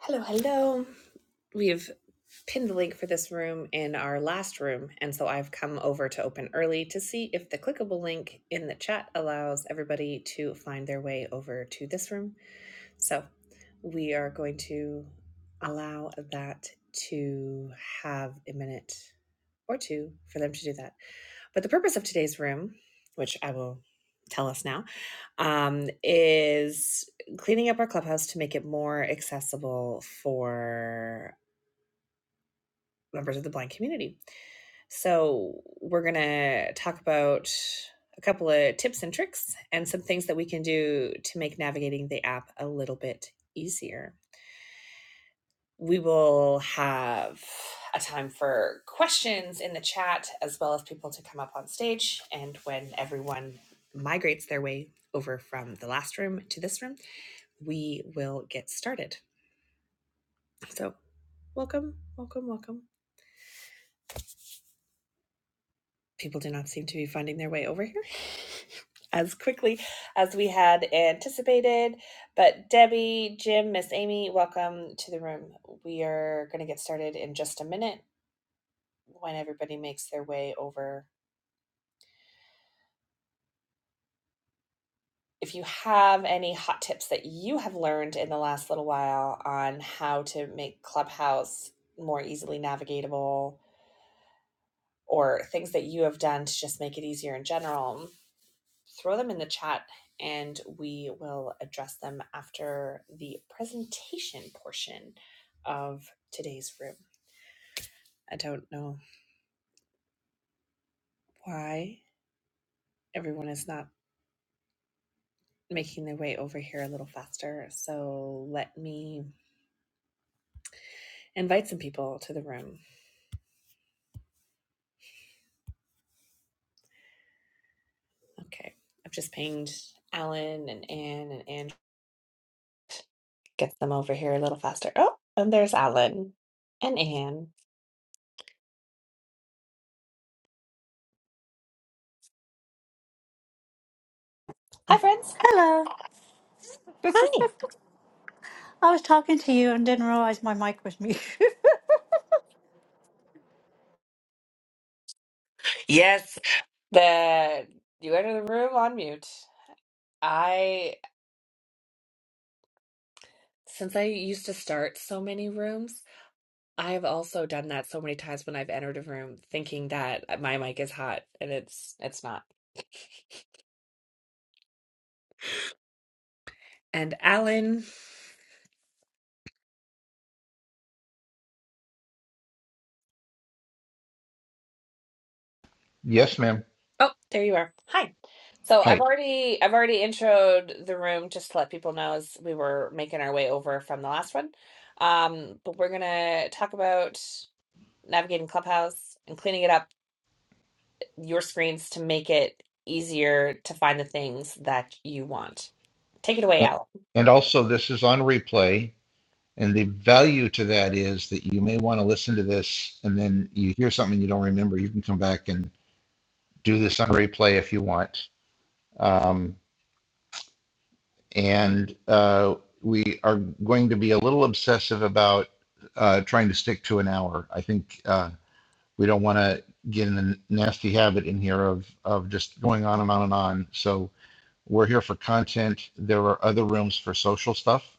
Hello, hello. We've pinned the link for this room in our last room, and so I've come over to open early to see if the clickable link in the chat allows everybody to find their way over to this room. So we are going to allow that to have a minute or two for them to do that. But the purpose of today's room, which I will tell us now, um, is cleaning up our clubhouse to make it more accessible for members of the blind community. So we're going to talk about a couple of tips and tricks and some things that we can do to make navigating the app a little bit easier. we will have a time for questions in the chat as well as people to come up on stage. And when everyone migrates their way over from the last room to this room, we will get started. So, welcome, welcome, welcome. People do not seem to be finding their way over here as quickly as we had anticipated. But Debbie, Jim, Miss Amy, welcome to the room. We are going to get started in just a minute when everybody makes their way over if you have any hot tips that you have learned in the last little while on how to make Clubhouse more easily navigatable or things that you have done to just make it easier in general, throw them in the chat and we will address them after the presentation portion of today's room. I don't know why everyone is not making their way over here a little faster, so let me invite some people to the room Okay. I've just pinged Alan and Anne and Anne gets them over here a little faster. Oh, and there's Alan and Anne. Hi, friends. Hello. Hi. I was talking to you and didn't realize my mic was muted. Yes. The you enter the room on mute. I since I used to start so many rooms, I have also done that so many times when I've entered a room thinking that my mic is hot and it's it's not. And Alan. Yes, ma'am. Oh, there you are. Hi. So I've Hi. already I've already introed the room just to let people know as we were making our way over from the last one. Um, but we're gonna talk about navigating Clubhouse and cleaning it up your screens to make it easier to find the things that you want. Take it away, Al. And also, this is on replay. And the value to that is that you may want to listen to this and then you hear something you don't remember. You can come back and do this on replay if you want. Um, and uh, we are going to be a little obsessive about uh, trying to stick to an hour. I think uh, we don't want to get in the nasty habit in here of, of just going on and on and on. So we're here for content. There are other rooms for social stuff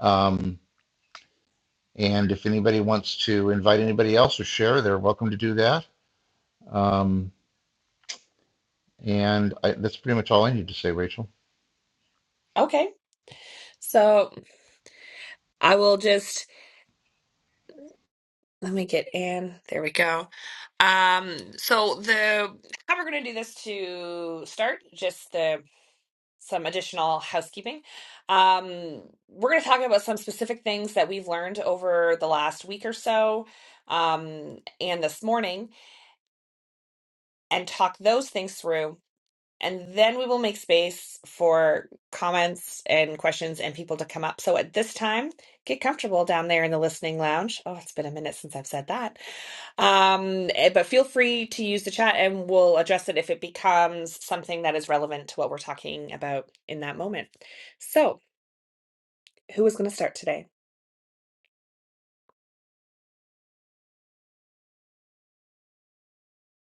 Um, and if anybody wants to invite anybody else or share, they're welcome to do that. Um, and I, that's pretty much all I need to say, Rachel. Okay. So I will just Let me get in. There we go. Um, so the how we're gonna do this to start, just the some additional housekeeping. Um, we're gonna talk about some specific things that we've learned over the last week or so, um, and this morning, and talk those things through. And then we will make space for comments and questions and people to come up. So at this time, get comfortable down there in the listening lounge. Oh, it's been a minute since I've said that. Um, eh, but feel free to use the chat and we'll address it if it becomes something that is relevant to what we're talking about in that moment. So, who is going to start today?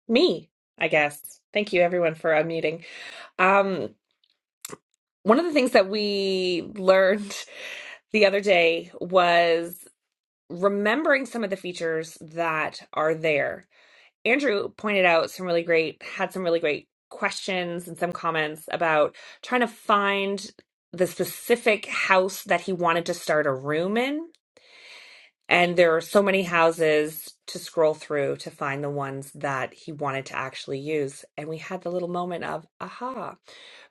Me, I guess. Thank you everyone for unmuting. Um, one of the things that we learned the other day was remembering some of the features that are there Andrew pointed out some really great, had some really great questions and some comments about trying to find the specific house that he wanted to start a room in. And there are so many houses to scroll through to find the ones that he wanted to actually use. And we had the little moment of, aha,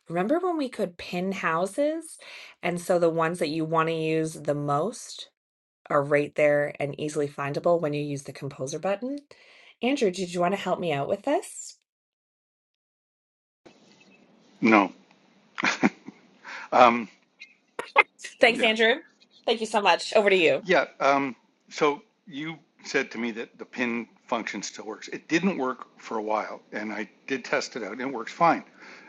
remember when we could pin houses? And so the ones that you want to use the most are right there and easily findable when you use the composer button. Andrew, did you want to help me out with this? No. Um, Thanks, yeah. Andrew. Thank you so much. Over to you. Yeah. Um, so you said to me that the pin function still works. It didn't work for a while, and I did test it out, and it works fine.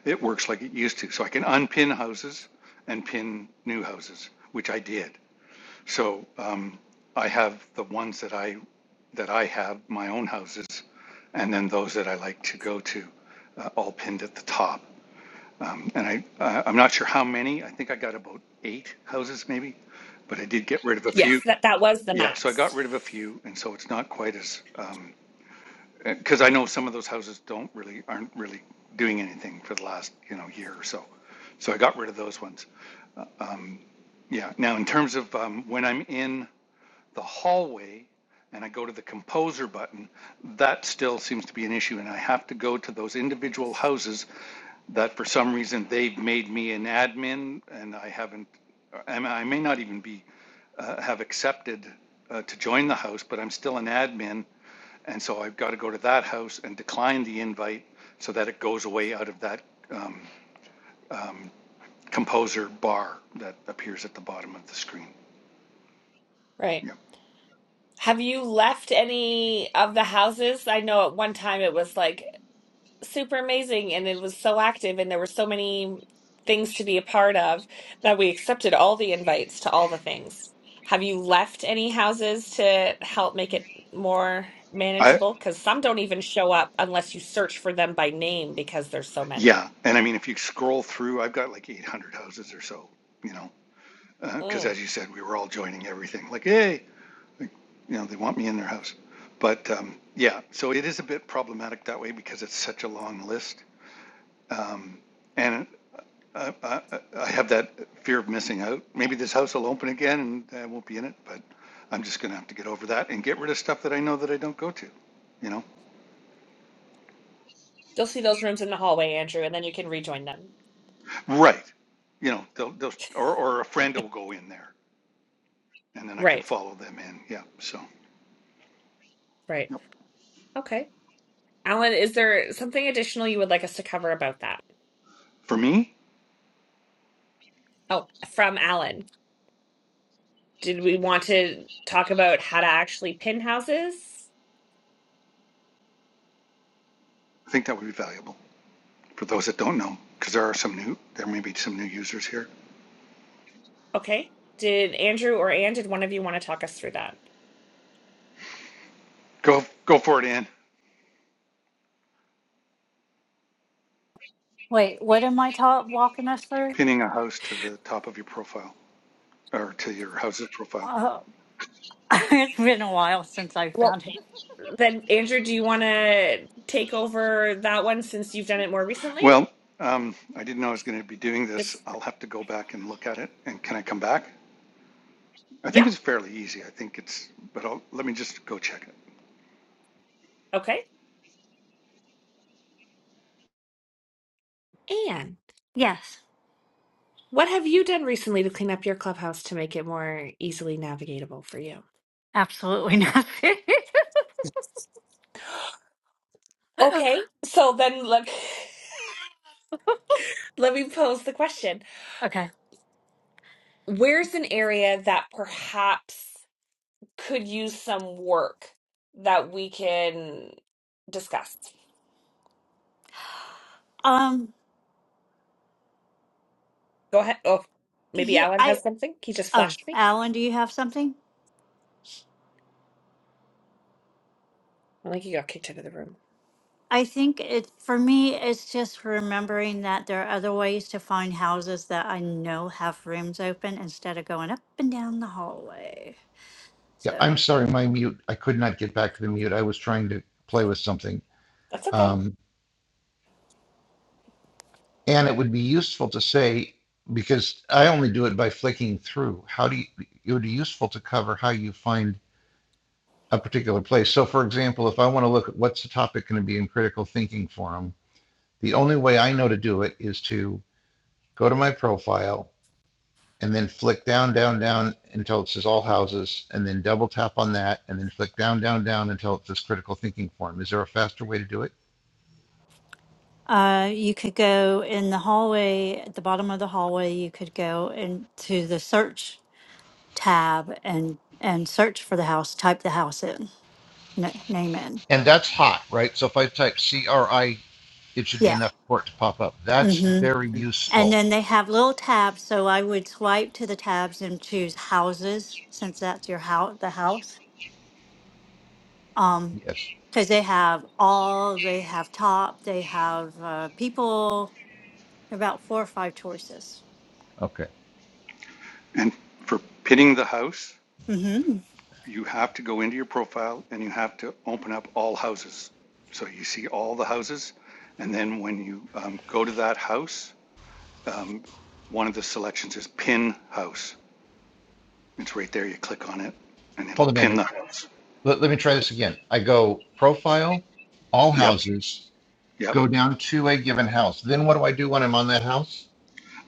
It works like it used to. So I can unpin houses and pin new houses, which I did. So um, I have the ones that I that I have my own houses, and then those that I like to go to, uh, all pinned at the top. And I, uh, I'm not sure how many. I think I got about eight houses maybe, but I did get rid of a Yes, few. that that was the Yeah, so I got max. rid of a few, and so it's not quite as because I know some of those houses don't really aren't really doing anything for the last you know year or so. So I got rid of those ones. Yeah. Now in terms of um, when I'm in the hallway and I go to the composer button, that still seems to be an issue, and I have to go to those individual houses that for some reason they've made me an admin and I haven't, I may I may not even be, uh, have accepted uh, to join the house, but I'm still an admin. And so I've got to go to that house and decline the invite so that it goes away out of that um, um, composer bar that appears at the bottom of the screen. Right. Yeah. Have you left any of the houses? I know at one time it was like super amazing and it was so active and there were so many things to be a part of that we accepted all the invites to all the things. Have you left any houses to help make it more I, manageable? Because some don't even show up unless you search for them by name because there's so yeah. many. And I mean, if you scroll through, I've got like 800 houses or so, you know, because uh, Mm. as you said, we were all joining everything like, hey, Like, you know, they want me in their house. But um, yeah, so it is a bit problematic that way because it's such a long list. Um, and uh, I, I, I have that fear of missing out. Maybe this house will open again and I won't be in it, but I'm just going to have to get over that and get rid of stuff that I know that I don't go to, you know? You'll see those rooms in the hallway, Andrew, and then you can rejoin them. Right. You know, they'll, they'll, or, or a friend will go in there and then I can Right, follow them in. Yeah. So right. yep. Okay. Alan, is there something additional you would like us to cover about that? for me, Oh, from Alan. Did we want to talk about how to actually pin houses? I think that would be valuable for those that don't know, because there are some new, there may be some new users here. Okay. Did Andrew or Anne, did one of you want to talk us through that? Go go for it, Ann. Wait, what am I ta- walking us through? Pinning a house to the top of your profile or to your house's profile. Oh, it's been a while since I've Well, done it. then Andrew, do you want to take over that one since you've done it more recently? Well, um, I didn't know I was going to be doing this. Just I'll have to go back and look at it. And can I come back? I think yeah, it's fairly easy. I think it's, but I'll, let me just go check it. okay. Anne, Yes, what have you done recently to clean up your clubhouse to make it more easily navigatable for you? absolutely nothing. Okay, so then let let me pose the question. okay. Where's an area that perhaps could use some work that we can discuss? Um. Go ahead. Oh, maybe Yeah. Alan has I. something. He just Oh, flashed me. Alan, do you have something? I think he got kicked out of the room. I think it for me. It's just remembering that there are other ways to find houses that I know have rooms open instead of going up and down the hallway. Yeah, So. I'm sorry, my mute. I could not get back to the mute. I was trying to play with something. That's okay. Um, and it would be useful to say, because I only do it by flicking through, how do you, it would be useful to cover how you find a particular place. So, for example, if I want to look at what's the topic going to be in critical thinking forum, the only way I know to do it is to go to my profile and then flick down, down, down until it says all houses, and then double tap on that, and then flick down, down, down until it says critical thinking form. Is there a faster way to do it? Uh, you could go in the hallway, at the bottom of the hallway, you could go into the search tab and and search for the house, type the house in, n- name in. And that's hot, right? So if I type CRI, it should be Yeah. enough for it to pop up. That's Mm-hmm. very And useful. then they have little tabs, so I would swipe to the tabs and choose houses since that's your house, the house. Um, Yes. because they have all, they have top, they have uh, people, about four or five choices. Okay. And for pinning the house, Mm-hmm. you have to go into your profile and you have to open up all houses. So you see all the houses. And then when you um, go to that house, um, one of the selections is pin house. It's right there. You click on it, and it'll Hold on, pin Andrew. the house. Let, let me try this again. I go profile, all Yep, houses, yep. go down to a given house. Then what do I do when I'm on that house?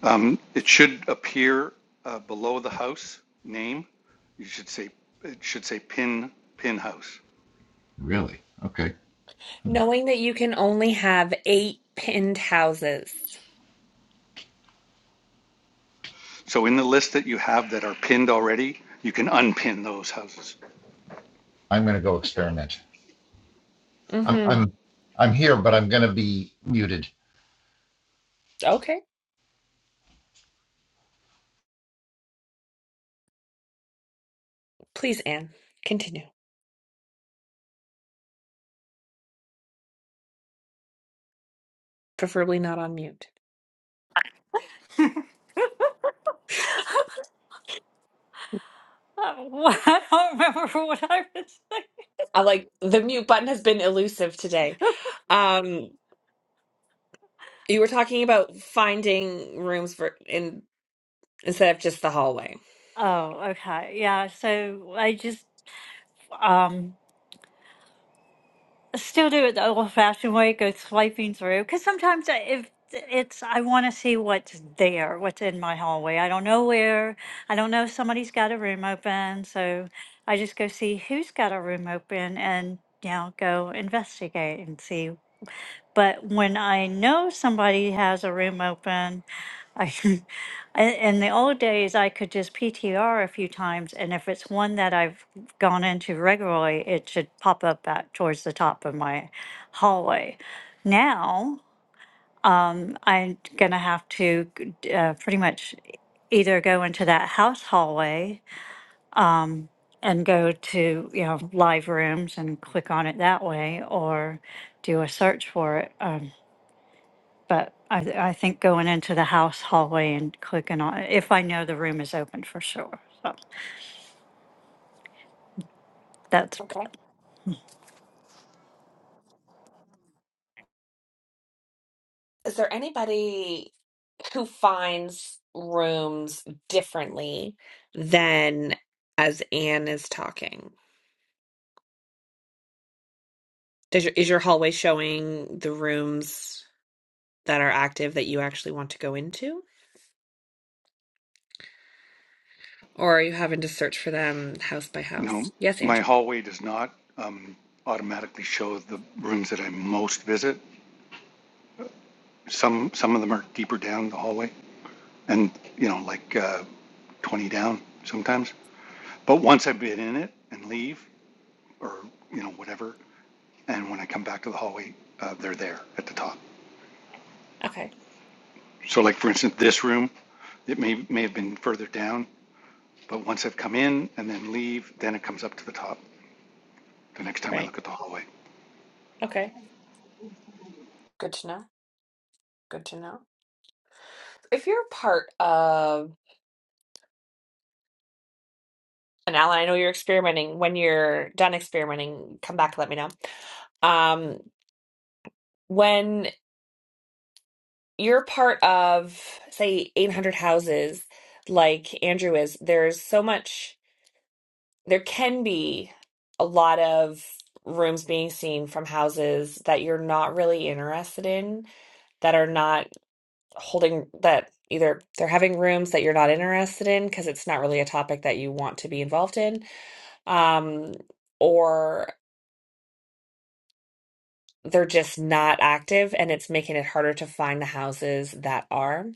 Um, it should appear uh, below the house name. You should say it should say pin pin house. Really? Okay. Knowing that you can only have eight pinned houses. So in the list that you have that are pinned already, you can unpin those houses. I'm going to go experiment. I'm, Mm-hmm. I'm, I'm here, but I'm going to be muted. Okay. Please, Anne, continue. Preferably not on mute. Oh, I don't remember what I was. I like the mute button has been elusive today. Um, You were talking about finding rooms for in instead of just the hallway. Oh, okay. Yeah. So I just um still do it the old-fashioned way, go swiping through, because sometimes I- if it's I want to see what's there, what's in my hallway. I don't know where. I don't know if somebody's got a room open, so I just go see who's got a room open and you know go investigate and see but when I know somebody has a room open, I, in in the old days, I could just PTR a few times, and if it's one that I've gone into regularly, it should pop up back towards the top of my hallway. Now, um, I'm gonna have to uh, pretty much either go into that house hallway and go to you know live rooms and click on it that way, or do a search for it. um, But I, I think going into the house hallway and clicking on, if I know the room is open for sure. So that's, Okay. Is there anybody who finds rooms differently? than as Anne is talking, does your, is your hallway showing the rooms that are active that you actually want to go into, or are you having to search for them house by house? No, Yes, my Andrew. hallway does not um, automatically show the rooms that I most visit. Some some of them are deeper down the hallway, and you know like uh, 20 down sometimes. But once I've been in it and leave, or you know whatever. And when I come back to the hallway, uh, they're there at the top. Okay. So like for instance, this room, it may may have been further down, but once I've come in and then leave, then it comes up to the top. The next time I Right. look at the hallway, Okay. Good to know. Good to know. If you're part of And Alan, I know you're experimenting. When you're done experimenting, come back and let me know. Um, when you're part of, say, 800 houses, like Andrew is, there's so much, there can be a lot of rooms being seen from houses that you're not really interested in, that are not holding, that either they're having rooms that you're not interested in because it's not really a topic that you want to be involved in. Um, or They're just not active and it's making it harder to find the houses that are.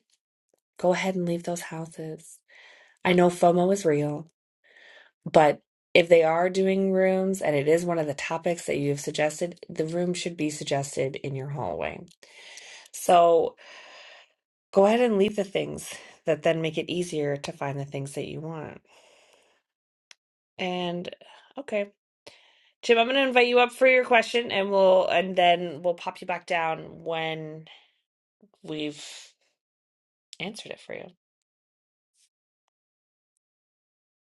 Go ahead and leave those houses. I know FOMO is real, but if they are doing rooms and it is one of the topics that you've suggested, the room should be suggested in your hallway. So go ahead and leave the things that then make it easier to find the things that you want. And okay. Jim, I'm going to invite you up for your question and we'll and then we'll pop you back down when we've answered it for you.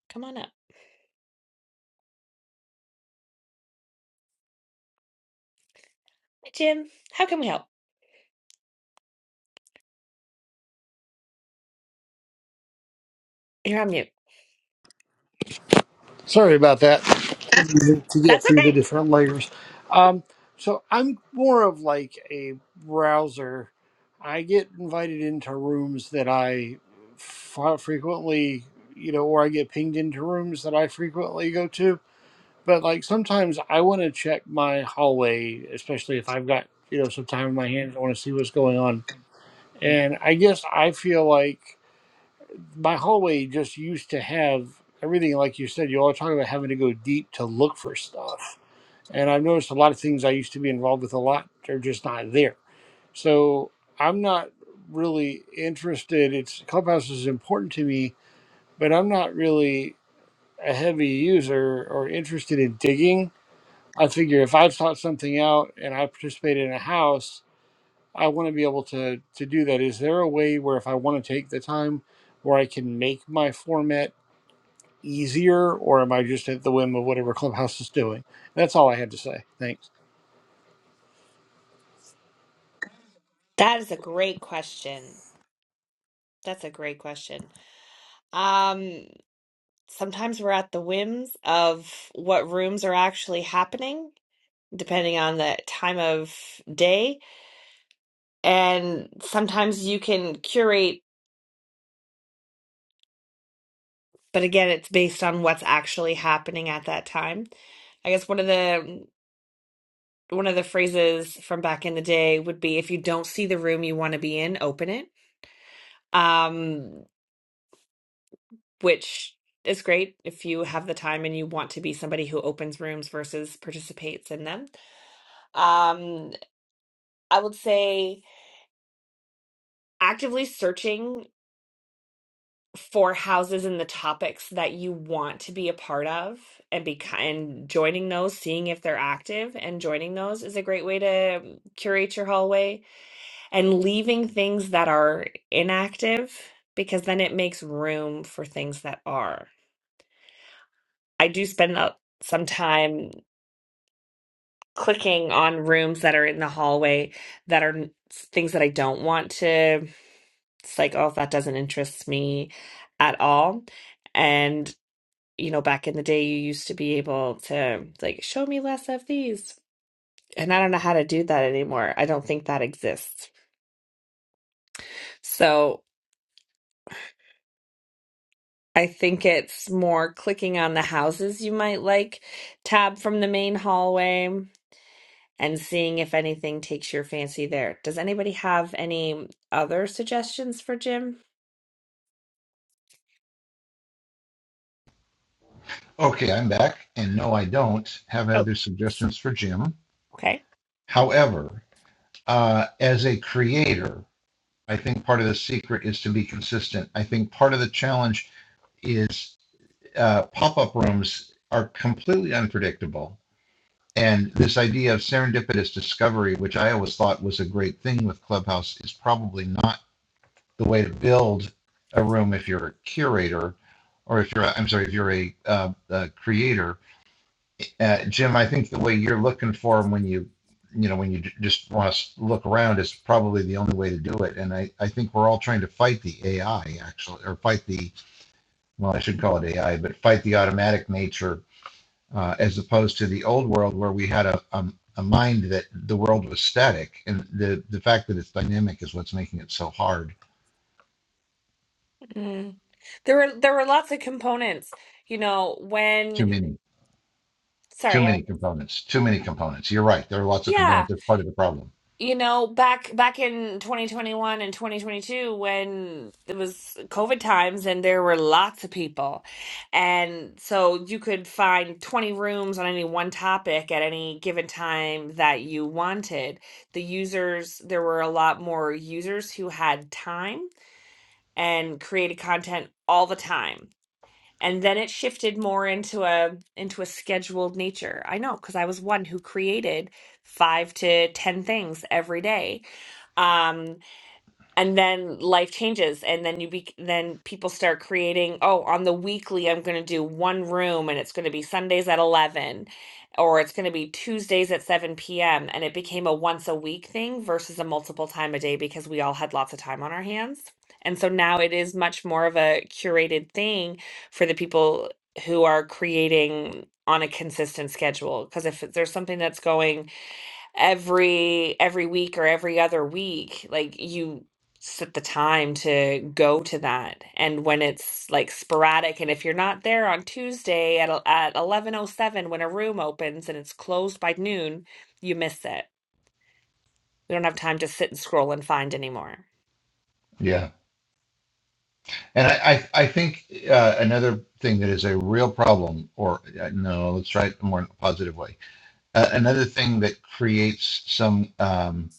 Come on up. Hi, Jim. How can we help? You're on mute. Sorry about that. To get That's through the okay. different layers. Um, so I'm more of like a browser. I get invited into rooms that I f- frequently, you know, or I get pinged into rooms that I frequently go to. But like sometimes I want to check my hallway, especially if I've got, you know, some time in my hands. I want to see what's going on. And I guess I feel like my hallway just used to have everything like you said you all talking about having to go deep to look for stuff and i've noticed a lot of things i used to be involved with a lot are just not there so i'm not really interested it's clubhouse is important to me but i'm not really a heavy user or interested in digging i figure if i've thought something out and i participate in a house i want to be able to to do that is there a way where if i want to take the time where i can make my format easier, or am I just at the whim of whatever Clubhouse is doing? That's all I had to say. Thanks. That is a great question. That's a great question. Um, sometimes we're at the whims of what rooms are actually happening, depending on the time of day. And sometimes you can curate, but again, it's based on what's actually happening at that time. I guess one of the one of the phrases from back in the day would be if you don't see the room you want to be in, open it. Um, which is great if you have the time and you want to be somebody who opens rooms versus participates in them. Um, I would say actively searching for houses and the topics that you want to be a part of and be ki- and joining those seeing if they're active and joining those is a great way to curate your hallway and leaving things that are inactive because then it makes room for things that are i do spend uh, some time clicking on rooms that are in the hallway that are n- things that i don't want to it's like oh that doesn't interest me at all and. you know, back in the day, you used to be able to like show me less of these. And I don't know how to do that anymore. I don't think that exists. So I think it's more clicking on the houses you might like tab from the main hallway and seeing if anything takes your fancy there. Does anybody have any other suggestions for Jim? Okay, I'm back. And no, I don't have Oh, other suggestions for Jim. okay. However, uh, as a creator, I think part of the secret is to be consistent. I think part of the challenge is uh, pop up rooms are completely unpredictable. And this idea of serendipitous discovery, which I always thought was a great thing with Clubhouse, is probably not the way to build a room if you're a curator or if you're, I'm sorry, if you're a, uh, a creator Uh, Jim, I think the way you're looking for them when you, you know, when you just want to look around is probably the only way to do it. And I, I think we're all trying to fight the AI actually, or fight the, well, I should call it AI, but fight the automatic nature uh, as opposed to the old world where we had a, a, a mind that the world was static. And the, the fact that it's dynamic is what's making it so hard. Mm. There were there were lots of components. You know, when Too many, too sorry, I, many components, too many components. You're right. There are lots of yeah. components. That's part of the problem. you know, back back in 2021 and 2022 when it was COVID times and there were lots of people. And so you could find 20 rooms on any one topic at any given time that you wanted. The users, there were a lot more users who had time and created content all the time. And then it shifted more into a into a scheduled nature. I know, because I was one who created five to ten things every day um and then life changes and then you be then people start creating oh on the weekly i'm going to do one room and it's going to be sundays at 11 or it's going to be tuesdays at 7 p.m and it became a once a week thing versus a multiple time a day because we all had lots of time on our hands and so now it is much more of a curated thing for the people who are creating on a consistent schedule because if there's something that's going every every week or every other week like you set the time to go to that and when it's like sporadic and if you're not there on Tuesday at el- at 11:07 when a room opens and it's closed by noon you miss it we don't have time to sit and scroll and find anymore Yeah. And I, I, I think uh, another thing that is a real problem, or uh, no, let's try it more in a positive way. Uh, another thing that creates some um,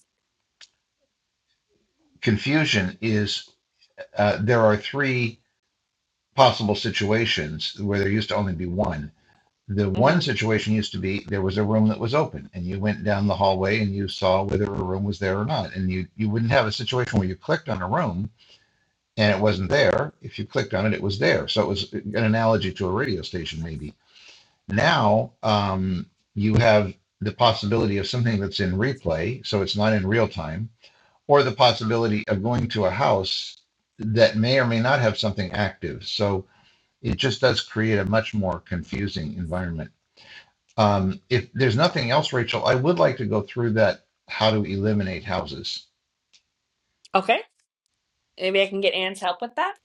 confusion is uh, there are three possible situations where there used to only be one. The one Mm. situation used to be there was a room that was open, and you went down the hallway and you saw whether a room was there or not. And you, you wouldn't have a situation where you clicked on a room and it wasn't there. If you clicked on it, it was there. So it was an analogy to a radio station, maybe Now, um, you have the possibility of something that's in replay, so it's not in real time, or the possibility of going to a house that may or may not have something active. So it just does create a much more confusing environment. Um, if there's nothing else, Rachel, I would like to go through that how to eliminate houses. okay maybe I can get Anne's help with that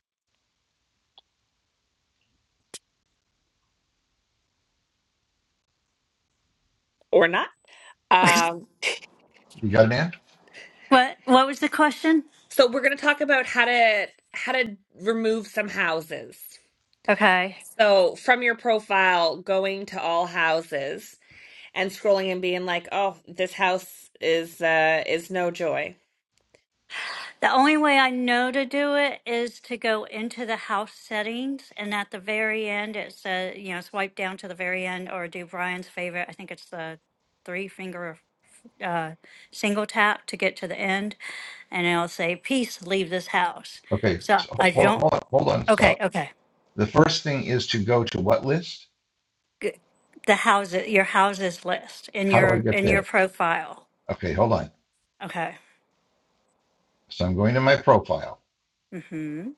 or not um You got it, Ann? what, what was the question? so we're going to talk about how to how to remove some houses Okay. So from your profile, going to all houses and scrolling and being like, "Oh, this house is uh is no joy." The only way I know to do it is to go into the house settings and at the very end, it says, you know, swipe down to the very end or do Brian's favorite. I think it's the three finger uh, single tap to get to the end. And it'll say, peace, leave this house. Okay, So so I hold, don't, hold on, hold on, okay, stop. okay. The first thing is to go to what list? g- the houses, your houses list in How do I your get in there? your profile. Okay, hold on. Okay. So I'm going to my profile. Mm-hmm.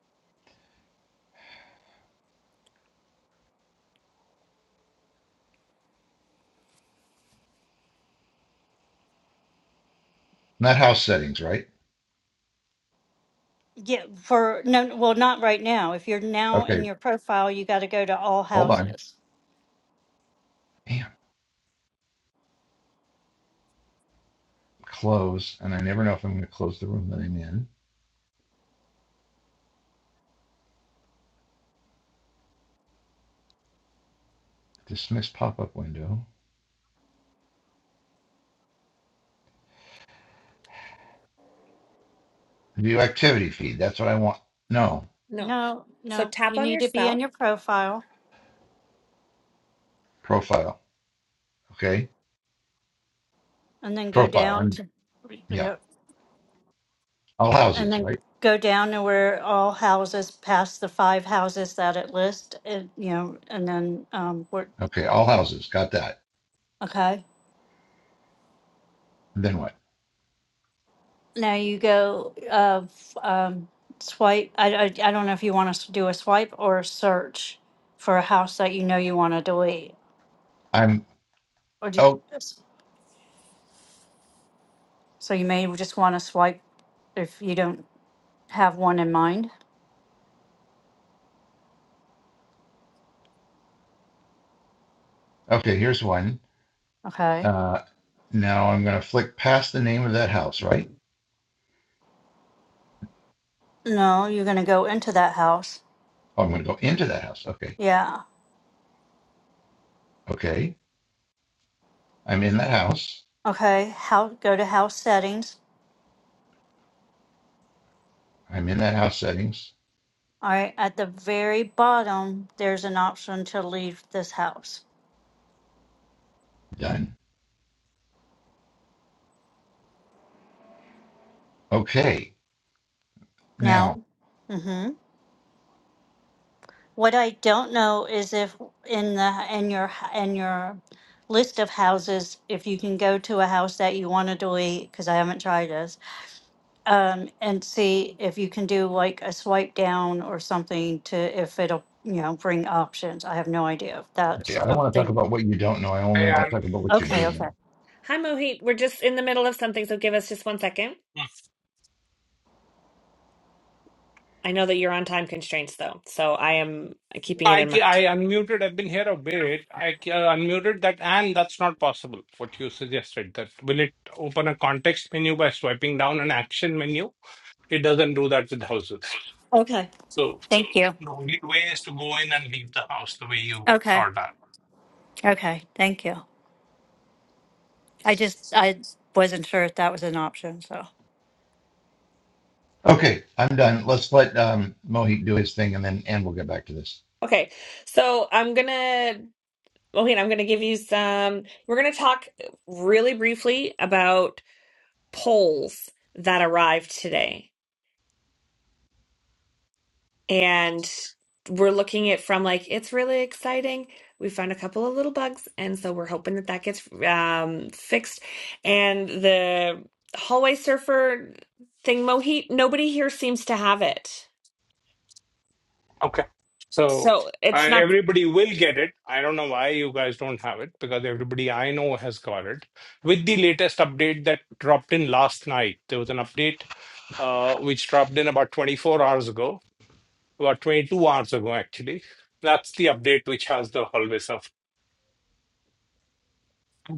Not house settings, right? Yeah, for no, well, not right now. If you're now in Okay, your profile, you got to go to all hold on. houses. Damn, close. And I never know if I'm going to close the room that I'm in. Dismiss pop up window. View activity feed. That's what I want. No, No. No, So no, tap you on need to be yourself. in your profile profile. Okay, and then go profile. down I'm, to, yeah, yeah, all and houses, then right? go down to where all houses past the five houses that it lists, and you know, and then um, we're Okay, all houses. Got that. okay. Then what? Now you go uh, f- um, swipe. I, I, I don't know if you want to do a swipe or a search for a house that you know you want to delete. I'm, Or do oh, Yes. so you may just want to swipe if you don't have one in mind. okay, here's one. Okay. Uh, now I'm going to flick past the name of that house, right? No, you're gonna go into that house. Oh, I'm going to go into that house. Okay, Yeah. okay. I'm in that house. Okay. How go to house settings. I'm in that house settings. All right. At the very bottom, there's an option to leave this house. Done. Okay. Now, Now. Mm-hmm. What I don't know is if in the, in your, h- in your list of houses, if you can go to a house that you want to delete, because I haven't tried this, um, and see if you can do like a swipe down or something to, if it'll, you know, bring options. I have no idea if Yeah, that's I don't a want to talk thing. about what you don't know. I only I, want Okay. to talk un- about what you Okay, do okay. know. Hi, Mohit. We're just in the middle of something, so give us just one second. I know that you're on time constraints though, so I am uh, keeping it I, in ca- mind. I unmuted. I've been here a bit. I ca- unmuted that, and that's not possible. What you suggested that will it open a context menu by swiping down an action menu? It doesn't do that with houses. Okay, So thank you. the only way is to go in and leave the house the way you Okay, are that. okay, thank you. I just, I wasn't sure if that was an option, so. Okay, I'm done. Let's let um, Mohit do his thing, and then and we'll get back to this. Okay, so I'm gonna, Mohin, I'm gonna give you some. We're gonna talk really briefly about polls that arrived today, and we're looking at from like it's really exciting. We found a couple of little bugs, and so we're hoping that that gets um, fixed. And the hallway surfer thing, Mohit, nobody here seems to have it. Okay. So So uh, it's not, everybody will get it. I don't know why you guys don't have it because everybody I know has got it. With the latest update that dropped in last night, there was an update uh, which dropped in about 24 hours ago, about 22 hours ago, actually. That's the update which has the hallway surf.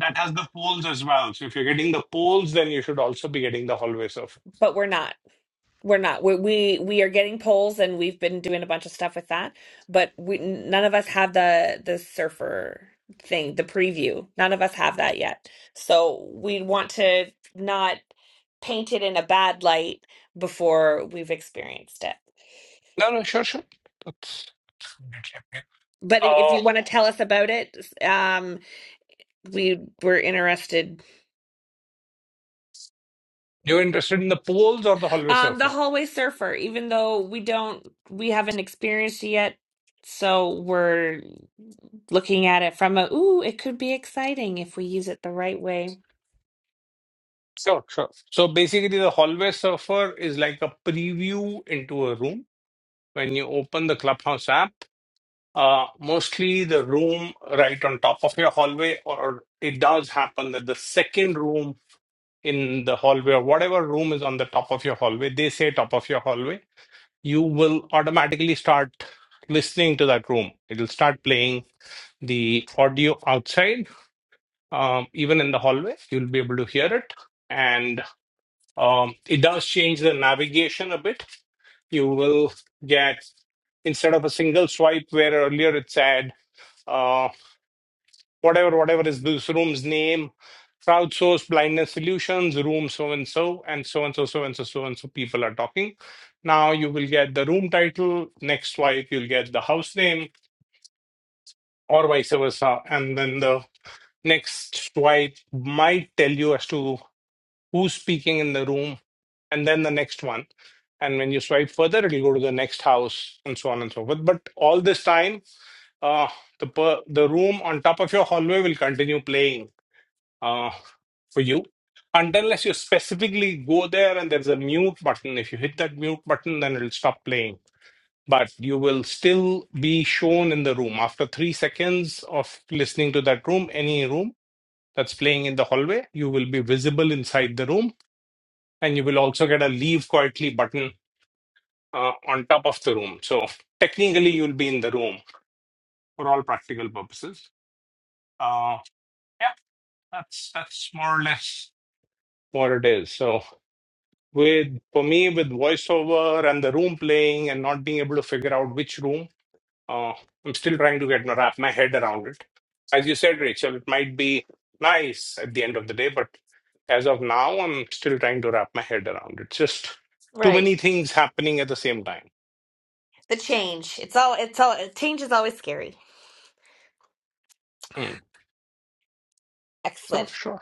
That has the polls as well. So if you're getting the polls, then you should also be getting the hallway surf. but we're not. We're not. We we we are getting polls, and we've been doing a bunch of stuff with that. But we none of us have the the surfer thing, the preview. None of us have that yet. So we want to not paint it in a bad light before we've experienced it. No, no, sure, sure. That's definitely okay. But if if Uh, you want to tell us about it, um, we we're interested. you're interested in the polls or the hallway Um, the surfer? hallway surfer, even though we don't, we haven't experienced it yet, so we're looking at it from a, ooh, it could be exciting if we use it the right way. Sure, sure. So basically, the hallway surfer is like a preview into a room. When you open the Clubhouse app, uh, mostly the room right on top of your hallway, or it does happen that the second room in the hallway or whatever room is on the top of your hallway, they say top of your hallway, you will automatically start listening to that room. It'll start playing the audio outside, um, even in the hallway, you'll be able to hear it. And um, it does change the navigation a bit. You will get, instead of a single swipe where earlier it said, uh, whatever whatever is this room's name crowdsource blindness solutions room so and so and so and so so and so so and so people are talking now you will get the room title next swipe you'll get the house name or vice versa and then the next swipe might tell you as to who's speaking in the room and then the next one and when you swipe further it'll go to the next house and so on and so forth but all this time uh, the per- the room on top of your hallway will continue playing uh, for you. And unless you specifically go there and there's a mute button, if you hit that mute button, then it'll stop playing. But you will still be shown in the room. After three seconds of listening to that room, any room that's playing in the hallway, you will be visible inside the room. And you will also get a leave quietly button uh, on top of the room. So technically, you'll be in the room for all practical purposes. Uh, yeah, that's, that's more or less what it is. So With for me, with voiceover and the room playing and not being able to figure out which room, uh, I'm still trying to get wrap my head around it. As you said, Rachel, it might be nice at the end of the day, but as of now, I'm still trying to wrap my head around it. Just too Right. many things happening at the same time. The change. It's all it's all change is always scary. Hmm. Not Excellent. sure.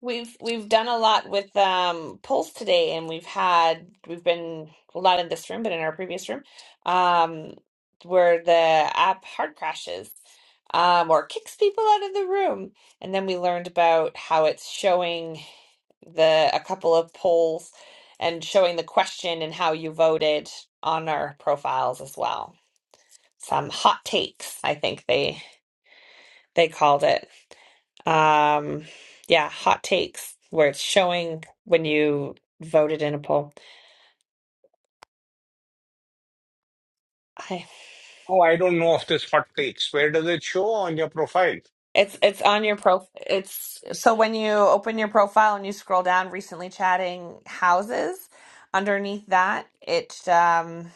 We've we've done a lot with um polls today and we've had we've been well not in this room but in our previous room um where the app hard crashes um or kicks people out of the room and then we learned about how it's showing the a couple of polls and showing the question and how you voted on our profiles as well. Some hot takes, I think they they called it. Um, yeah, hot takes where it's showing when you voted in a poll. I, Oh, I don't know of this hot takes. Where does it show on your profile? it's it's on your pro. It's so when you open your profile and you scroll down, recently chatting houses. Underneath that, it um,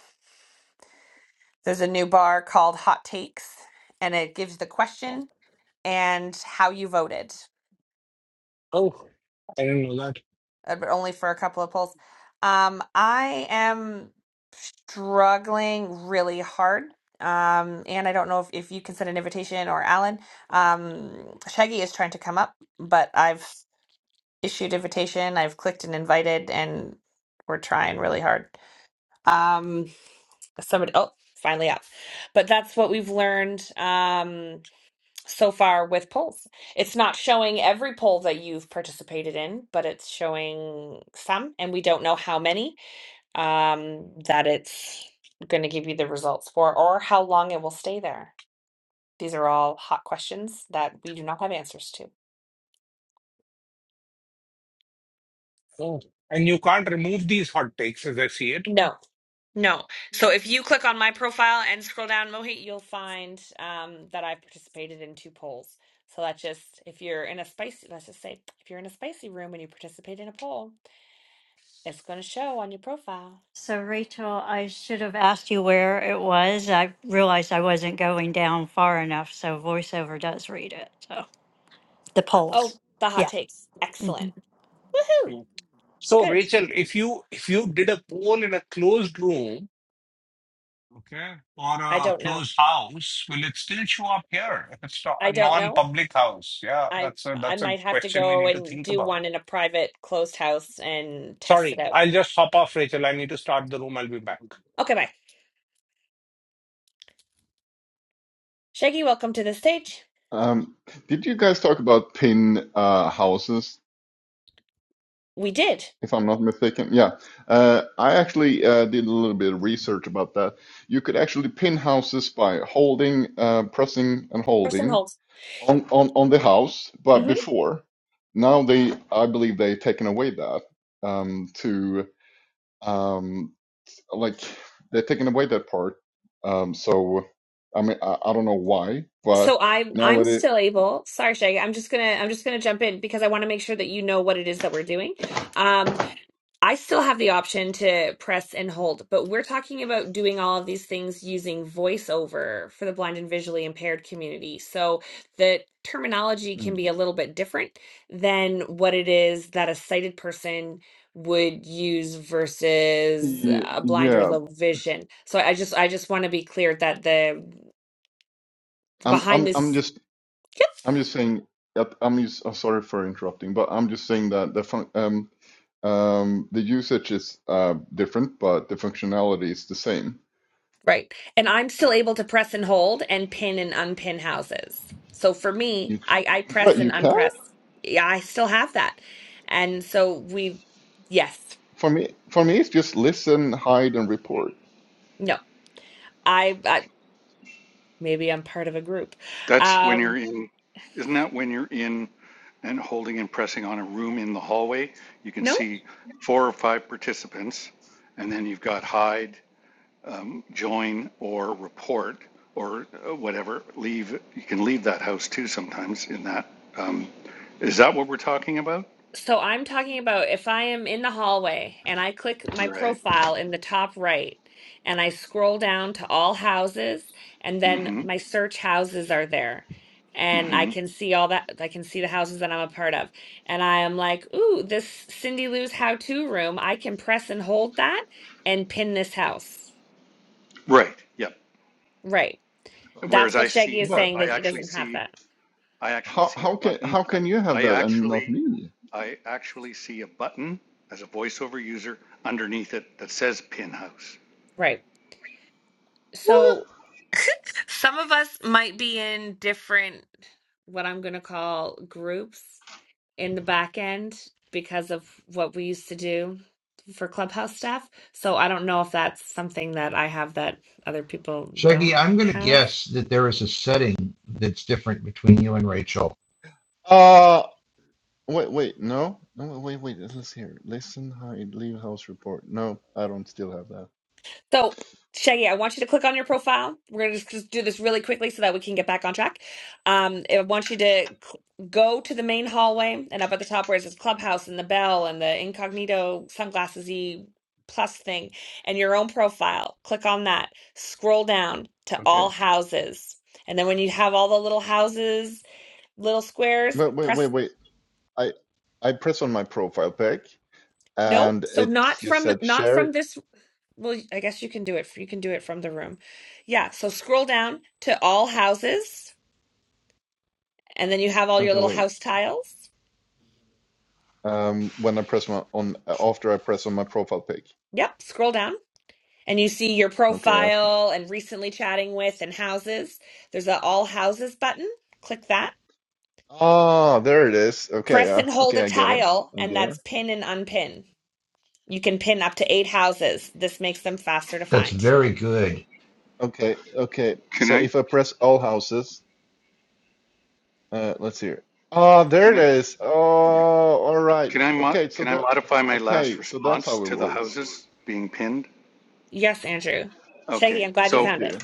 there's a new bar called Hot Takes, and it gives the question and how you voted, And, uh, but only for a couple of polls. Um, I am. struggling really hard. Um, and I don't know if, if you can send an invitation or Alan. Um, Shaggy is trying to come up, but I've issued invitation. I've clicked and invited, and we're trying really hard. Um, somebody, oh, finally up. But that's what we've learned um, so far with polls. It's not showing every poll that you've participated in, but it's showing some, and we don't know how many um, that it's going to give you the results for, or how long it will stay there. These are all hot questions that we do not have answers to. oh, and you can't remove these hot takes as I see it. No, no. So if you click on my profile and scroll down, Mohit, you'll find um, that I've participated in two polls. So that just, if you're in a spicy, let's just say, if you're in a spicy room and you participate in a poll, it's going to show on your profile. So, Rachel, I should have asked you where it was. I realized I wasn't going down far enough, so VoiceOver does read it. So, the polls. Oh, the hot Yeah. takes. Excellent. Woohoo. Mm. So Good. Rachel, if you if you did a poll in a closed room, okay, or I a don't know. closed house, will it still show up here? If it's not a I don't know. non-public house, yeah, I that's a I that's a might have to question we go need to and think do about. one in a private closed house and test it Sorry, out. I'll just hop off, Rachel. I need to start the room. I'll be back. Okay, bye. Shaggy, welcome to the stage. Um, did you guys talk about pin uh, houses, We did. if I'm not mistaken? Yeah, uh, I actually uh, did a little bit of research about that. You could actually pin houses by holding, uh, pressing, and Person holding holds. on, on, on the house, but hmm before. Now they, I believe they've taken away that um, to um, like they're taking away that part. Um, so I mean, I, I don't know why, but So I'm now I'm it. still able. Sorry, Shaggy. I'm just gonna I'm just gonna jump in because I want to make sure that you know what it is that we're doing. Um, I still have the option to press and hold, but we're talking about doing all of these things using voiceover for the blind and visually impaired community. So the terminology can Mm. be a little bit different than what it is that a sighted person would use versus Ye- a blind Yeah, or low vision. So I just I just want to be clear that the I'm behind I'm I'm this just Yep. I'm just saying that I'm just, I'm sorry for interrupting, but I'm just saying that the fun, um um the usage is uh different, but the functionality is the same. Right. And I'm still able to press and hold and pin and unpin houses. So for me, You can, I, I well, press and you can unpress. Yeah, I still have that. And so we, yes, for me for me it's just listen, hide, and report. no, I, I maybe I'm part of a group. that's when you're Um, in. Isn't that when you're in and holding and pressing on a room in the hallway? You can no, see four or five participants, and then you've got hide. um, join or report or uh, whatever, leave, you can leave that house too sometimes in that. Um, is that what we're talking about? So I'm talking about if I am in the hallway and I click my Right. profile in the top right and I scroll down to all houses and mm then hmm my search houses are there mm and I hmm can see all that I can see the houses that I'm a part of and I am like, "Ooh, this Cindy Lou's how-to room, I can press and hold that and pin this house." Right. Yep. Right. Whereas That's what I Shaggy see, is uh, But saying that I he actually doesn't have see, that. I actually how see a how can button. how can you have I that and not actually, me? I actually see a button as a voiceover user underneath it that says pin house. Right. What? So Some of us might be in different, what I'm going to call groups in the back end because of what we used to do for clubhouse staff. So I don't know if that's something that I have that other people don't Shaggy, I'm going to have. guess that there is a setting that's different between you and Rachel. Uh, wait wait no no wait wait let's hear listen, hide, leave house, report. No, I don't still have that. So, Shaggy, I want you to click on your profile. We're going to just, just do this really quickly so that we can get back on track. Um, I want you to cl- go to the main hallway and up at the top where it says Clubhouse and the bell and the incognito sunglasses y plus thing and your own profile. Click on that. Scroll down to all Okay, houses. And then when you have all the little houses, little squares, but wait wait press wait I I press on my profile pic. no. and So it not just from said not from share this Well, I guess you can do it. You can do it from the room. Yeah. So scroll down to all houses, and then you have all oh, your the little way house tiles. um when I press my on uh, after I press on my profile pic. Yep. Scroll down, and you see your Okay, that's great. profile and recently chatting with and houses. There's a all houses button. Click that. Ah, there it is. Okay, Press uh, and hold okay, a I get it. tile, I and get it. that's pin and unpin. You can pin up to eight houses. This makes them faster to That's find. very good. Okay, okay. Can So I, if I press all houses, uh, let's see here. Ah, there can it I, is. Oh, all right. can I, mod? Okay, so can I that modify my last okay, so that's response how it to the works. houses being pinned? Yes, Andrew. Shaggy, Okay, I'm glad you so Thank found you. it.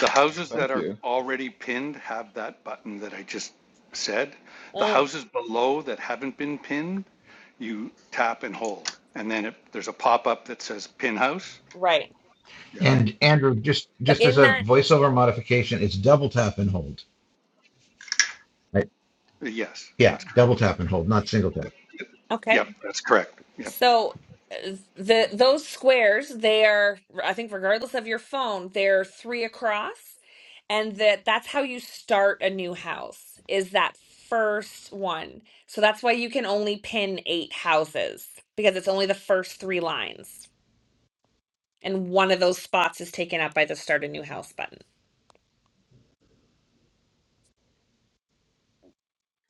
The houses that Thank are you. already pinned have that button that I just said. The Mm, houses below that haven't been pinned, you tap and hold. And then it, there's a pop-up that says pin house. right. Yep. And Andrew, just But just as in a that, voiceover modification, it's double tap and hold. Right? Yes, Yeah, that's double correct. tap and hold, not single tap. Yep, okay. Yep, that's correct. Yep. So uh, the those squares, they are, I think, regardless of your phone, they're three across, and that that's how you start a new house is that first one. So that's why you can only pin eight houses because it's only the first three lines and one of those spots is taken up by the start a new house button.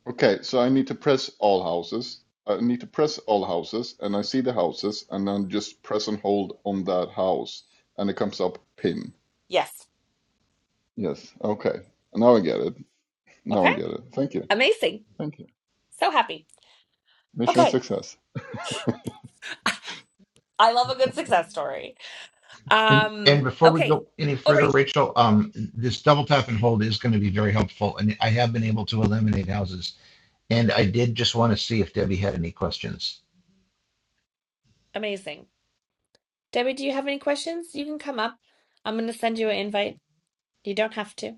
Okay, so I need to press all houses. I need to press all houses, and I see the houses, and then just press and hold on that house, and it comes up pin. Yes. Yes, okay. Now I get it. Now Okay. I get it. Thank you. Amazing. Thank you. So happy. Mission Okay. success. I love a good success story. And, and Um, before we okay. go any further, Already Rachel, um, this double tap and hold is going to be very helpful. And I have been able to eliminate houses And I did just want to see if Debbie had any questions. amazing. Debbie, do you have any questions? You can come up. I'm going to send you an invite. You don't have to.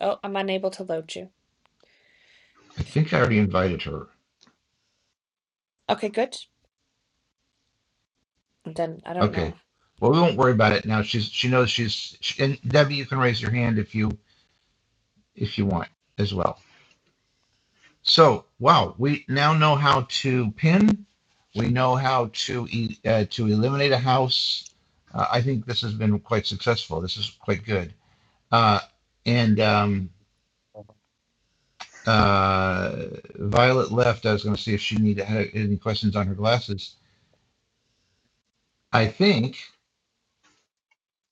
Oh, I'm unable to load you. I think I already invited her. Okay, good. Then I don't Okay. know. Well, we won't worry about it now. She's she knows she's she, and Debbie, you can raise your hand if you if you want as well. So wow, we now know how to pin. We know how to e- uh, to eliminate a house. Uh, I think this has been quite successful. This is quite good. Uh, and um, Okay. uh, Violet left. I was going to see if she needed had any questions on her glasses. I think.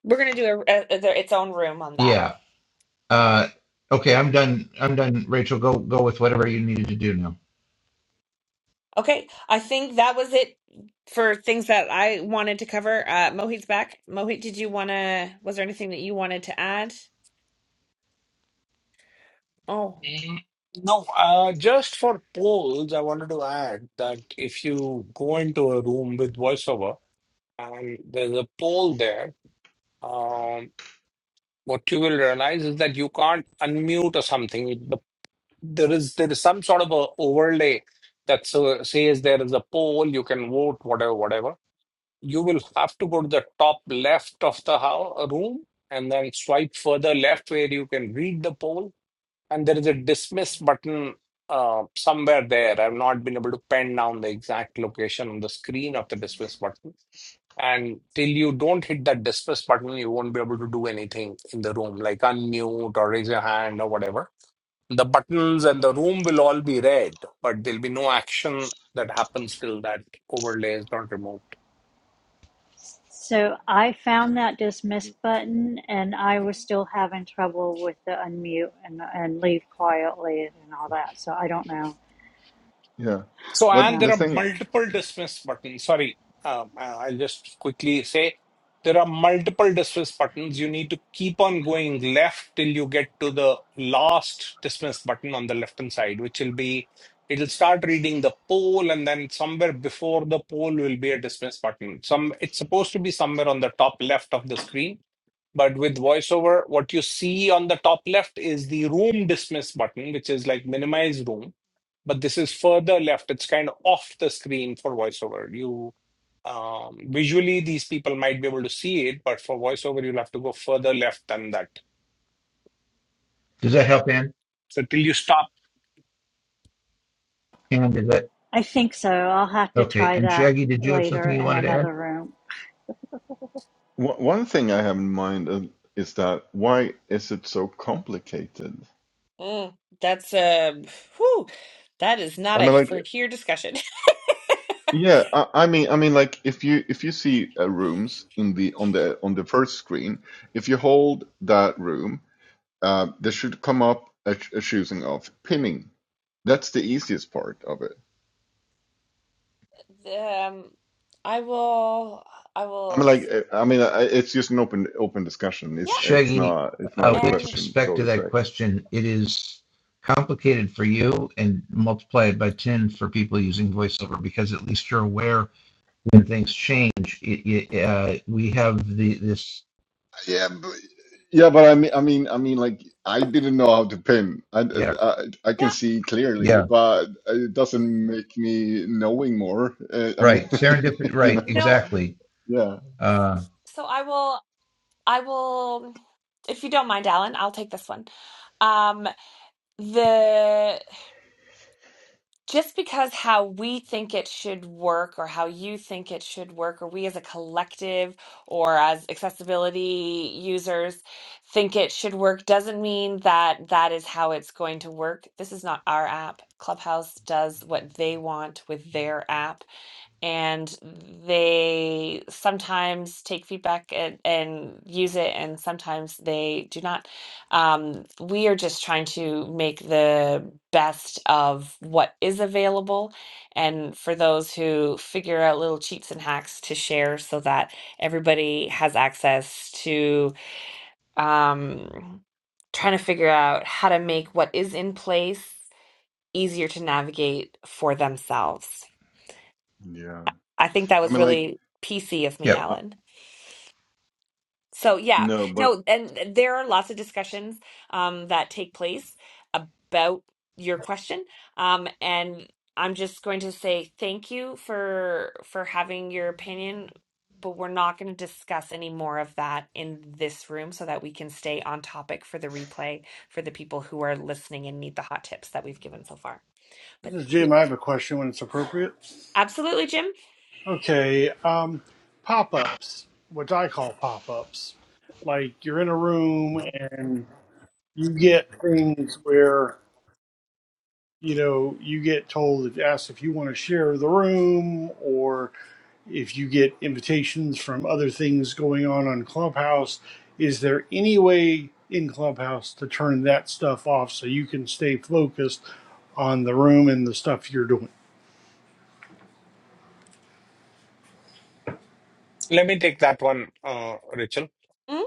We're gonna do a, a, a- its own room on that. Yeah. Uh, okay, I'm done. I'm done. Rachel, go go with whatever you needed to do now. Okay, I think that was it for things that I wanted to cover. Uh, Mohit's back. Mohit, did you wanna? Was there anything that you wanted to add? Oh, Mm, No, uh, just for polls, I wanted to add that if you go into a room with voiceover and there's a poll there, um, what you will realize is that you can't unmute or something. It- The, there is there is some sort of a overlay that so, says there is a poll, you can vote, whatever, whatever. You will have to go to the top left of the house, room and then swipe further left where you can read the poll and there is a dismiss button uh, somewhere there. I've not been able to pen down the exact location on the screen of the dismiss button. And till you don't hit that dismiss button, you won't be able to do anything in the room, like unmute or raise your hand or whatever. The buttons and the room will all be red, but there'll be no action that happens till that overlay is not removed. So, I found that dismiss button and I was still having trouble with the unmute and, and leave quietly and all that. So, I don't know. Yeah. So, But and Yeah. there the are thing, multiple dismiss buttons. Sorry, um, I- I'll just quickly say there are multiple dismiss buttons. You need to keep on going left till you get to the last dismiss button on the left hand side, which will be it'll start reading the poll, and then somewhere before the poll will be a dismiss button. Some it's supposed to be somewhere on the top left of the screen. But with voiceover, what you see on the top left is the room dismiss button, which is like minimize room but this is further left. It's kind of off the screen for voiceover. You um, visually these people might be able to see it, but for voiceover you'll have to go further left than that. Does that help, Ann? So till you stop, Ann, does that? I think so. I'll have to Okay. try And that Shaggy, did you have something later you in wanted to add? another room. one one thing I have in mind is is that why is it so complicated? mm, that's uh, whew, that is I not a mean, like for here discussion. Yeah, I, I mean, I mean, like if you if you see uh, rooms in the on the on the first screen, if you hold that room, uh, there should come up a, ch- a choosing of pinning. That's the easiest part of it. um, I will. I I mean, will. like uh, I mean, uh, it's just an open open discussion. It's Yeah, it's Shaggy, not it's not uh, a with and question, respect so to to say. that question, it is complicated for you and multiply it by 10 for people using voiceover because at least you're aware when things change. It, it, uh, we have the this. Yeah, but, yeah, but I mean, I mean, I mean, like I didn't know how to pin. I, Yeah. I, I can yeah, see clearly, Yeah. but it doesn't make me knowing more. Uh, I mean, Right. Serendipity. you Right. know, no. Exactly. yeah, Uh, So I will. I will. If you don't mind, Alan, I'll take this one. Um, the just because how we think it should work or how you think it should work or we as a collective or as accessibility users think it should work doesn't mean that that is how it's going to work this is not our app clubhouse does what they want with their app and they sometimes take feedback and, and use it and sometimes they do not um, we are just trying to make the best of what is available and for those who figure out little cheats and hacks to share so that everybody has access to um, trying to figure out how to make what is in place easier to navigate for themselves yeah. I think that I was mean, like really PC of me, yep. uh, Alan. So yeah, no, but no, and there are lots of discussions um, that take place about your question, um, and I'm just going to say thank you for for having your opinion, but we're not going to discuss any more of that in this room, so that we can stay on topic for the replay for the people who are listening and need the hot tips that we've given so far. This But is Jim. we, I have a question when it's appropriate. absolutely, Jim. Okay, um, pop ups, what I call pop ups. Like you're in a room and you get things where, you know, you get told, asked if you want to share the room if you get invitations from other things going on on Clubhouse, is there any way in Clubhouse to turn that stuff off so you can stay focused on the room and the stuff you're doing? let me take that one, uh, Rachel. Mm,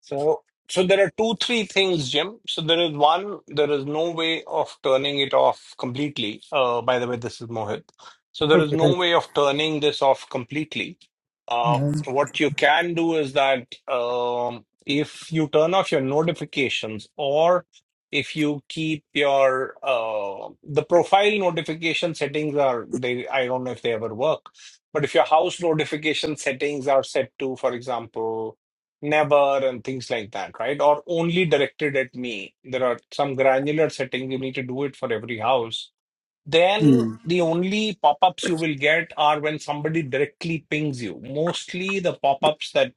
So, so there are two, three things, Jim. So there is one, there is no way of turning it off completely. Uh, by the way, this is Mohit. So there is no way of turning this off completely. Uh, Mhm. what you can do is that um, if you turn off your notifications or if you keep your uh, the profile notification settings are they I don't know if they ever work, but if your house notification settings are set to, for example never and things like that, right? Or only directed at me. There are some granular settings. You need to do it for every house. Then the only pop-ups you will get are when somebody directly pings you. Mostly the pop-ups that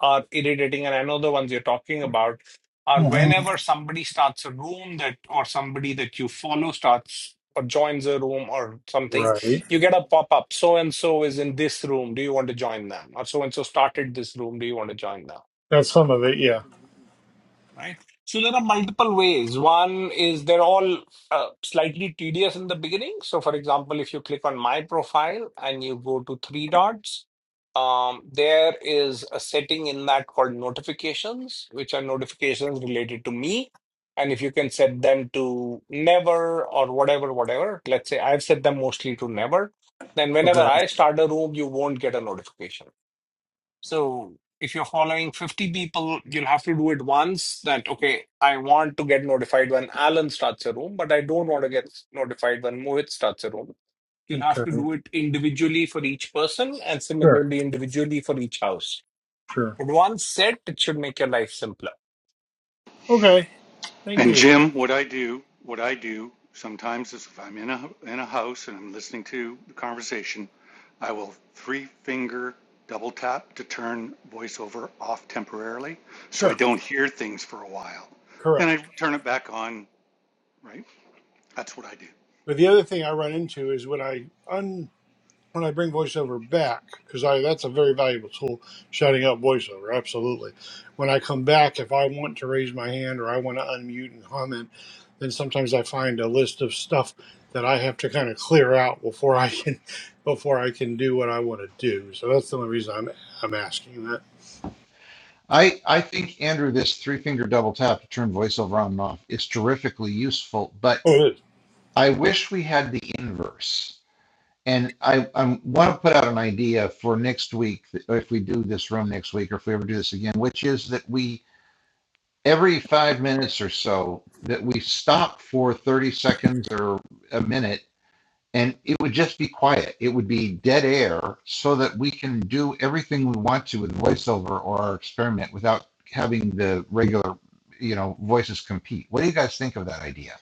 are irritating, and I know the ones you're talking about, are Mhm. whenever somebody starts a room that or somebody that you follow starts or joins a room or something, Right. you get a pop-up. So and so is in this room. Do you want to join them? Or so and so started this room. Do you want to join them? That's some of it, yeah. right? So there are multiple ways. One is they're all uh, slightly tedious in the beginning. So, for example, if you click on my profile and you go to three dots, um, there is a setting in that called notifications, which are notifications related to me. And if you can set them to never or whatever, whatever, let's say I've set them mostly to never, then whenever Okay. I start a room, you won't get a notification so if you're following 50 people, you'll have to do it once that, okay, I want to get notified when Alan starts a room, but I don't want to get notified when Mohit starts a room. You'll have to Okay. do it individually for each person and Sure. similarly individually for each house. Sure. But once set, it should make your life simpler. Okay. Thank And you. Jim, what I do, what I do sometimes is if I'm in a in a house and I'm listening to the conversation, I will three finger double tap to turn voiceover off temporarily, so I Sure. don't hear things for a while. Then I Correct. turn it back on. Right, that's what I do. But the other thing I run into is when I when I bring voiceover back, because I that's a very valuable tool, shouting out voiceover, absolutely. When I come back, if I want to raise my hand or I want to unmute and comment, then sometimes I find a list of stuff that I have to kind of clear out before I can before I can do what I want to do. So that's the only reason I'm I'm asking that. I, I think, Andrew, this three finger double tap to turn voiceover on and off is terrifically useful, but Oh, it is. I wish we had the inverse. And I, I want to put out an idea for next week, if we do this room next week, or if we ever do this again, which is that we, every five minutes or so, that we stop for 30 seconds or a minute and it would just be quiet. It would be dead air so that we can do everything we want to with voiceover or our experiment without having the regular, you know, voices compete. What do you guys think of that idea?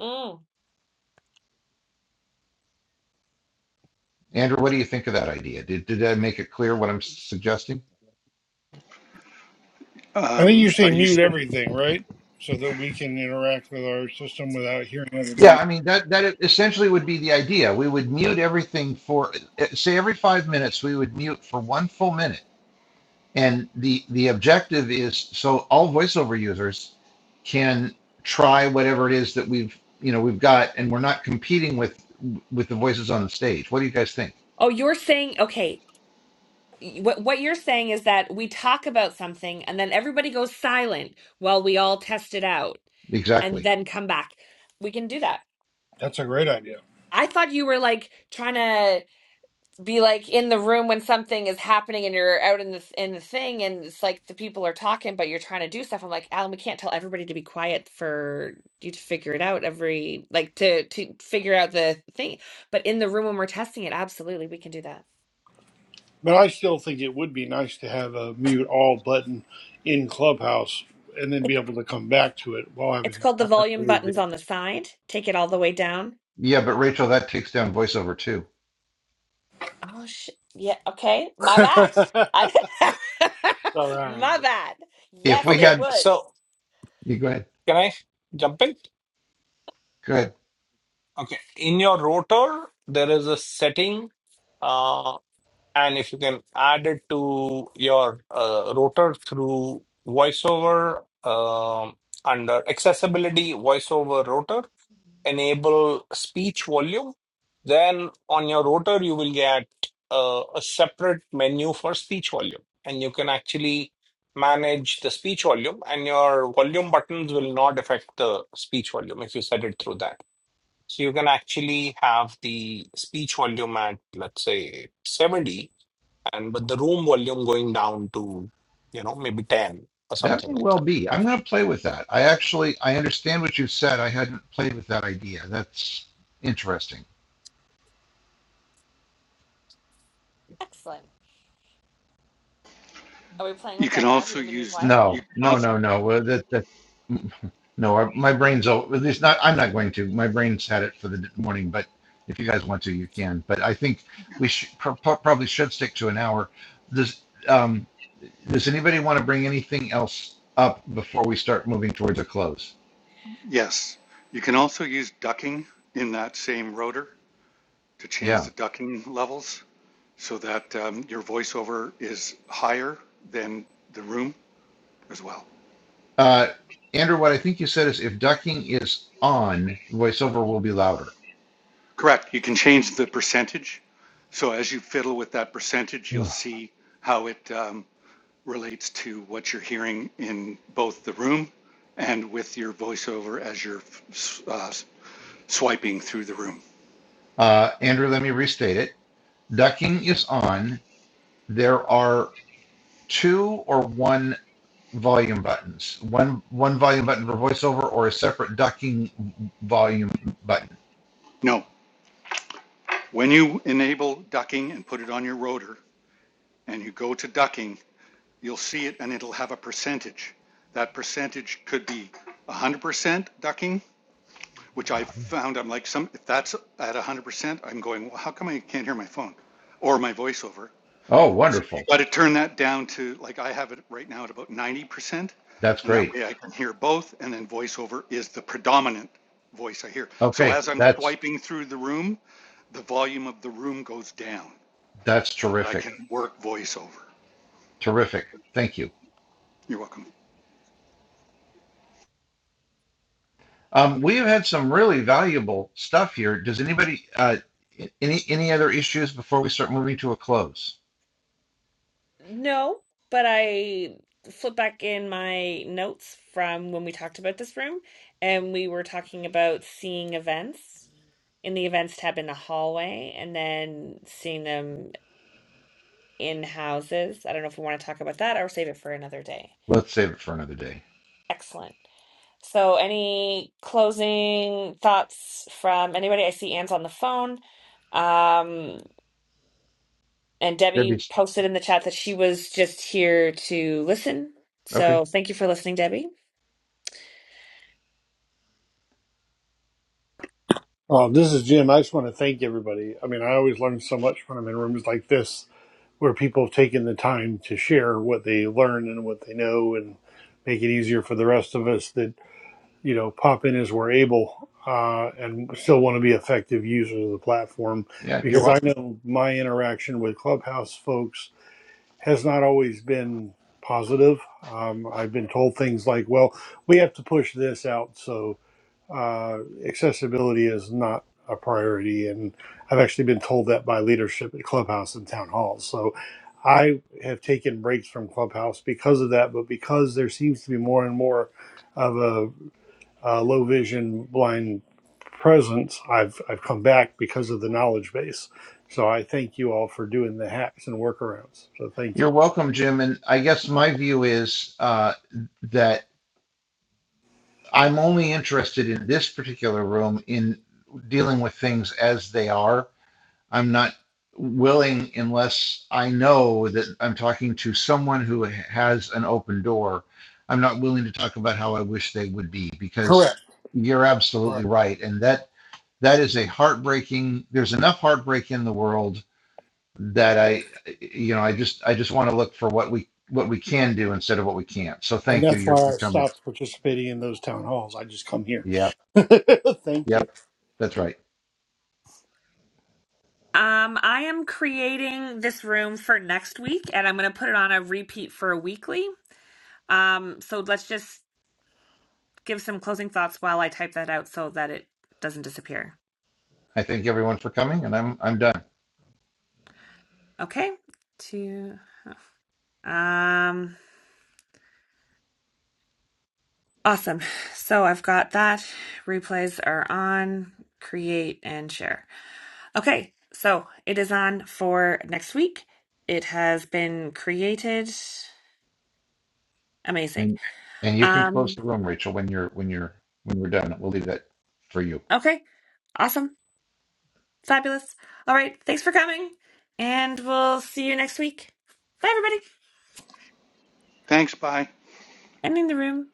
mm. Andrew, what do you think of that idea? Did, did I make it clear what I'm suggesting? I think you Um, are say you? s- mute everything, right? So that we can interact with our system without hearing other Yeah, voice. I mean that that essentially would be the idea. We would mute everything for say every 5 minutes we would mute for 1 full minute And the the objective is so all voiceover users can try whatever it is that we've you know we've got, and we're not competing with with the voices on the stage. What do you guys think? Oh, you're saying okay. what what you're saying is that we talk about something and then everybody goes silent while we all test it out and Exactly. then come back. We can do that. That's a great idea. I thought you were like trying to be like in the room when something is happening and you're out in the in the thing and it's like the people are talking but you're trying to do stuff. I'm like, Alan, we can't tell everybody to be quiet for you to figure it out every like to to figure out the thing. But in the room when we're testing it, absolutely we can do that. But I still think it would be nice to have a mute all button in Clubhouse and then be able to come back to it while having It's it. called the volume buttons on the side. Take it all the way down. Yeah, but Rachel, that takes down voiceover too. Oh shit. Yeah, okay. My bad. I All My right. bad. If Yes, we it Okay, had would. so you go ahead. can I jump in? Go ahead. Okay, in your rotor, there is a setting. Uh, and if you can add it to your uh, router through voiceover um, under accessibility voiceover router enable speech volume then on your router you will get uh, a separate menu for speech volume and you can actually manage the speech volume and your volume buttons will not affect the speech volume if you set it through that so you can actually have the speech volume at let's say 70 and with the room volume going down to you know maybe 10 or That something may like well that be. I'm gonna play with that. I actually I understand what you said. I hadn't played with that idea. That's interesting. Excellent. Are we playing You with can that now? Do also you need me to be use. quiet? You No, can no, also no, no. Well, that that no, I- my brain's o- at least not. I'm not going to. My brain's had it for the morning, but if you guys want to, you can. But I think we should pro- pro- probably should stick to an hour. Does um does anybody want to bring anything else up before we start moving towards a close? yes. You can also use ducking in that same rotor to change Yeah. the ducking levels. so that um, your voiceover is higher than the room as well. Uh, Andrew, what I think you said is if ducking is on, voiceover will be louder. Correct. You can change the percentage. So as you fiddle with that percentage, you'll Ugh. see how it um, relates to what you're hearing in both the room and with your voiceover as you're uh, swiping through the room. Uh, Andrew, let me restate it. Ducking is on. There are two or one volume buttons one one volume button for voiceover or a separate ducking volume button No. When you enable ducking and put it on your rotor and you go to ducking, you'll see it and it'll have a percentage. That percentage could be 100% ducking, which I Uh, found I'm like some if that's at 100%, I'm going, "Well, how come I can't hear my phone or my voiceover?" oh So you wonderful got to turn that down to like I have it right now at about 90%, that's and that great way I can hear both and then voiceover is the predominant voice I hear. So okay as I'm that's swiping through the room, the volume of the room goes down that's so that I terrific can work voiceover. terrific thank you You're welcome. um, we've had some really valuable stuff here does anybody uh, any any other issues before we start moving to a close No, but I flip back in my notes from when we talked about this room and we were talking about seeing events in the events tab in the hallway and then seeing them in houses. I don't know if we want to talk about that or save it for another day. let's save it for another day Excellent. So, any closing thoughts from anybody? I see Anne's on the phone. Um, and Debbie debbie's posted in the chat that she was just here to listen. okay So, thank you for listening, Debbie. Uh, this is Jim. I just want to thank everybody. I mean, I always learn so much when I'm in rooms like this where people have taken the time to share what they learn and what they know and make it easier for the rest of us that, you know, pop in as we're able uh, and still want to be effective users of the platform. yeah you're Because I welcome know my interaction with Clubhouse folks has not always been positive. Um, I've been told things like, well, we have to push this out, so uh, accessibility is not a priority. And I've actually been told that by leadership at Clubhouse and town halls. So I have taken breaks from Clubhouse because of that, but because there seems to be more and more of a, a low vision blind presence, I've, I've come back because of the knowledge base. So I thank you all for doing the hacks and workarounds. So thank you. you're welcome jim and i guess my view is uh, that I'm only interested in this particular room in dealing with things as they are. I'm not willing unless I know that I'm talking to someone who has an open door. I'm not willing to talk about how I wish they would be because you're absolutely right. And that that is a heartbreaking there's enough heartbreak in the world that I you know I just I just want to look for what we what we can do instead of what we can't. So And thank you. that's why Your I your comments. stopped participating in those town halls. I just come here. Yep. Thank you. Yep. That's right. Um, I am creating this room for next week, and I'm going to put it on a repeat for a weekly. Um, so let's just give some closing thoughts while I type that out so that it doesn't disappear. I thank everyone for coming, and I'm I'm done. Okay. Two. Um. Awesome. So I've got that. Replays are on. Create and share. Okay. So it is on for next week. It has been created. Amazing. And and you can close Um. the room, Rachel, when you're when you're when we're done. We'll leave that for you. Okay. Awesome. Fabulous. All right. Thanks for coming, and we'll see you next week. Bye, everybody. Thanks, bye. Ending the room.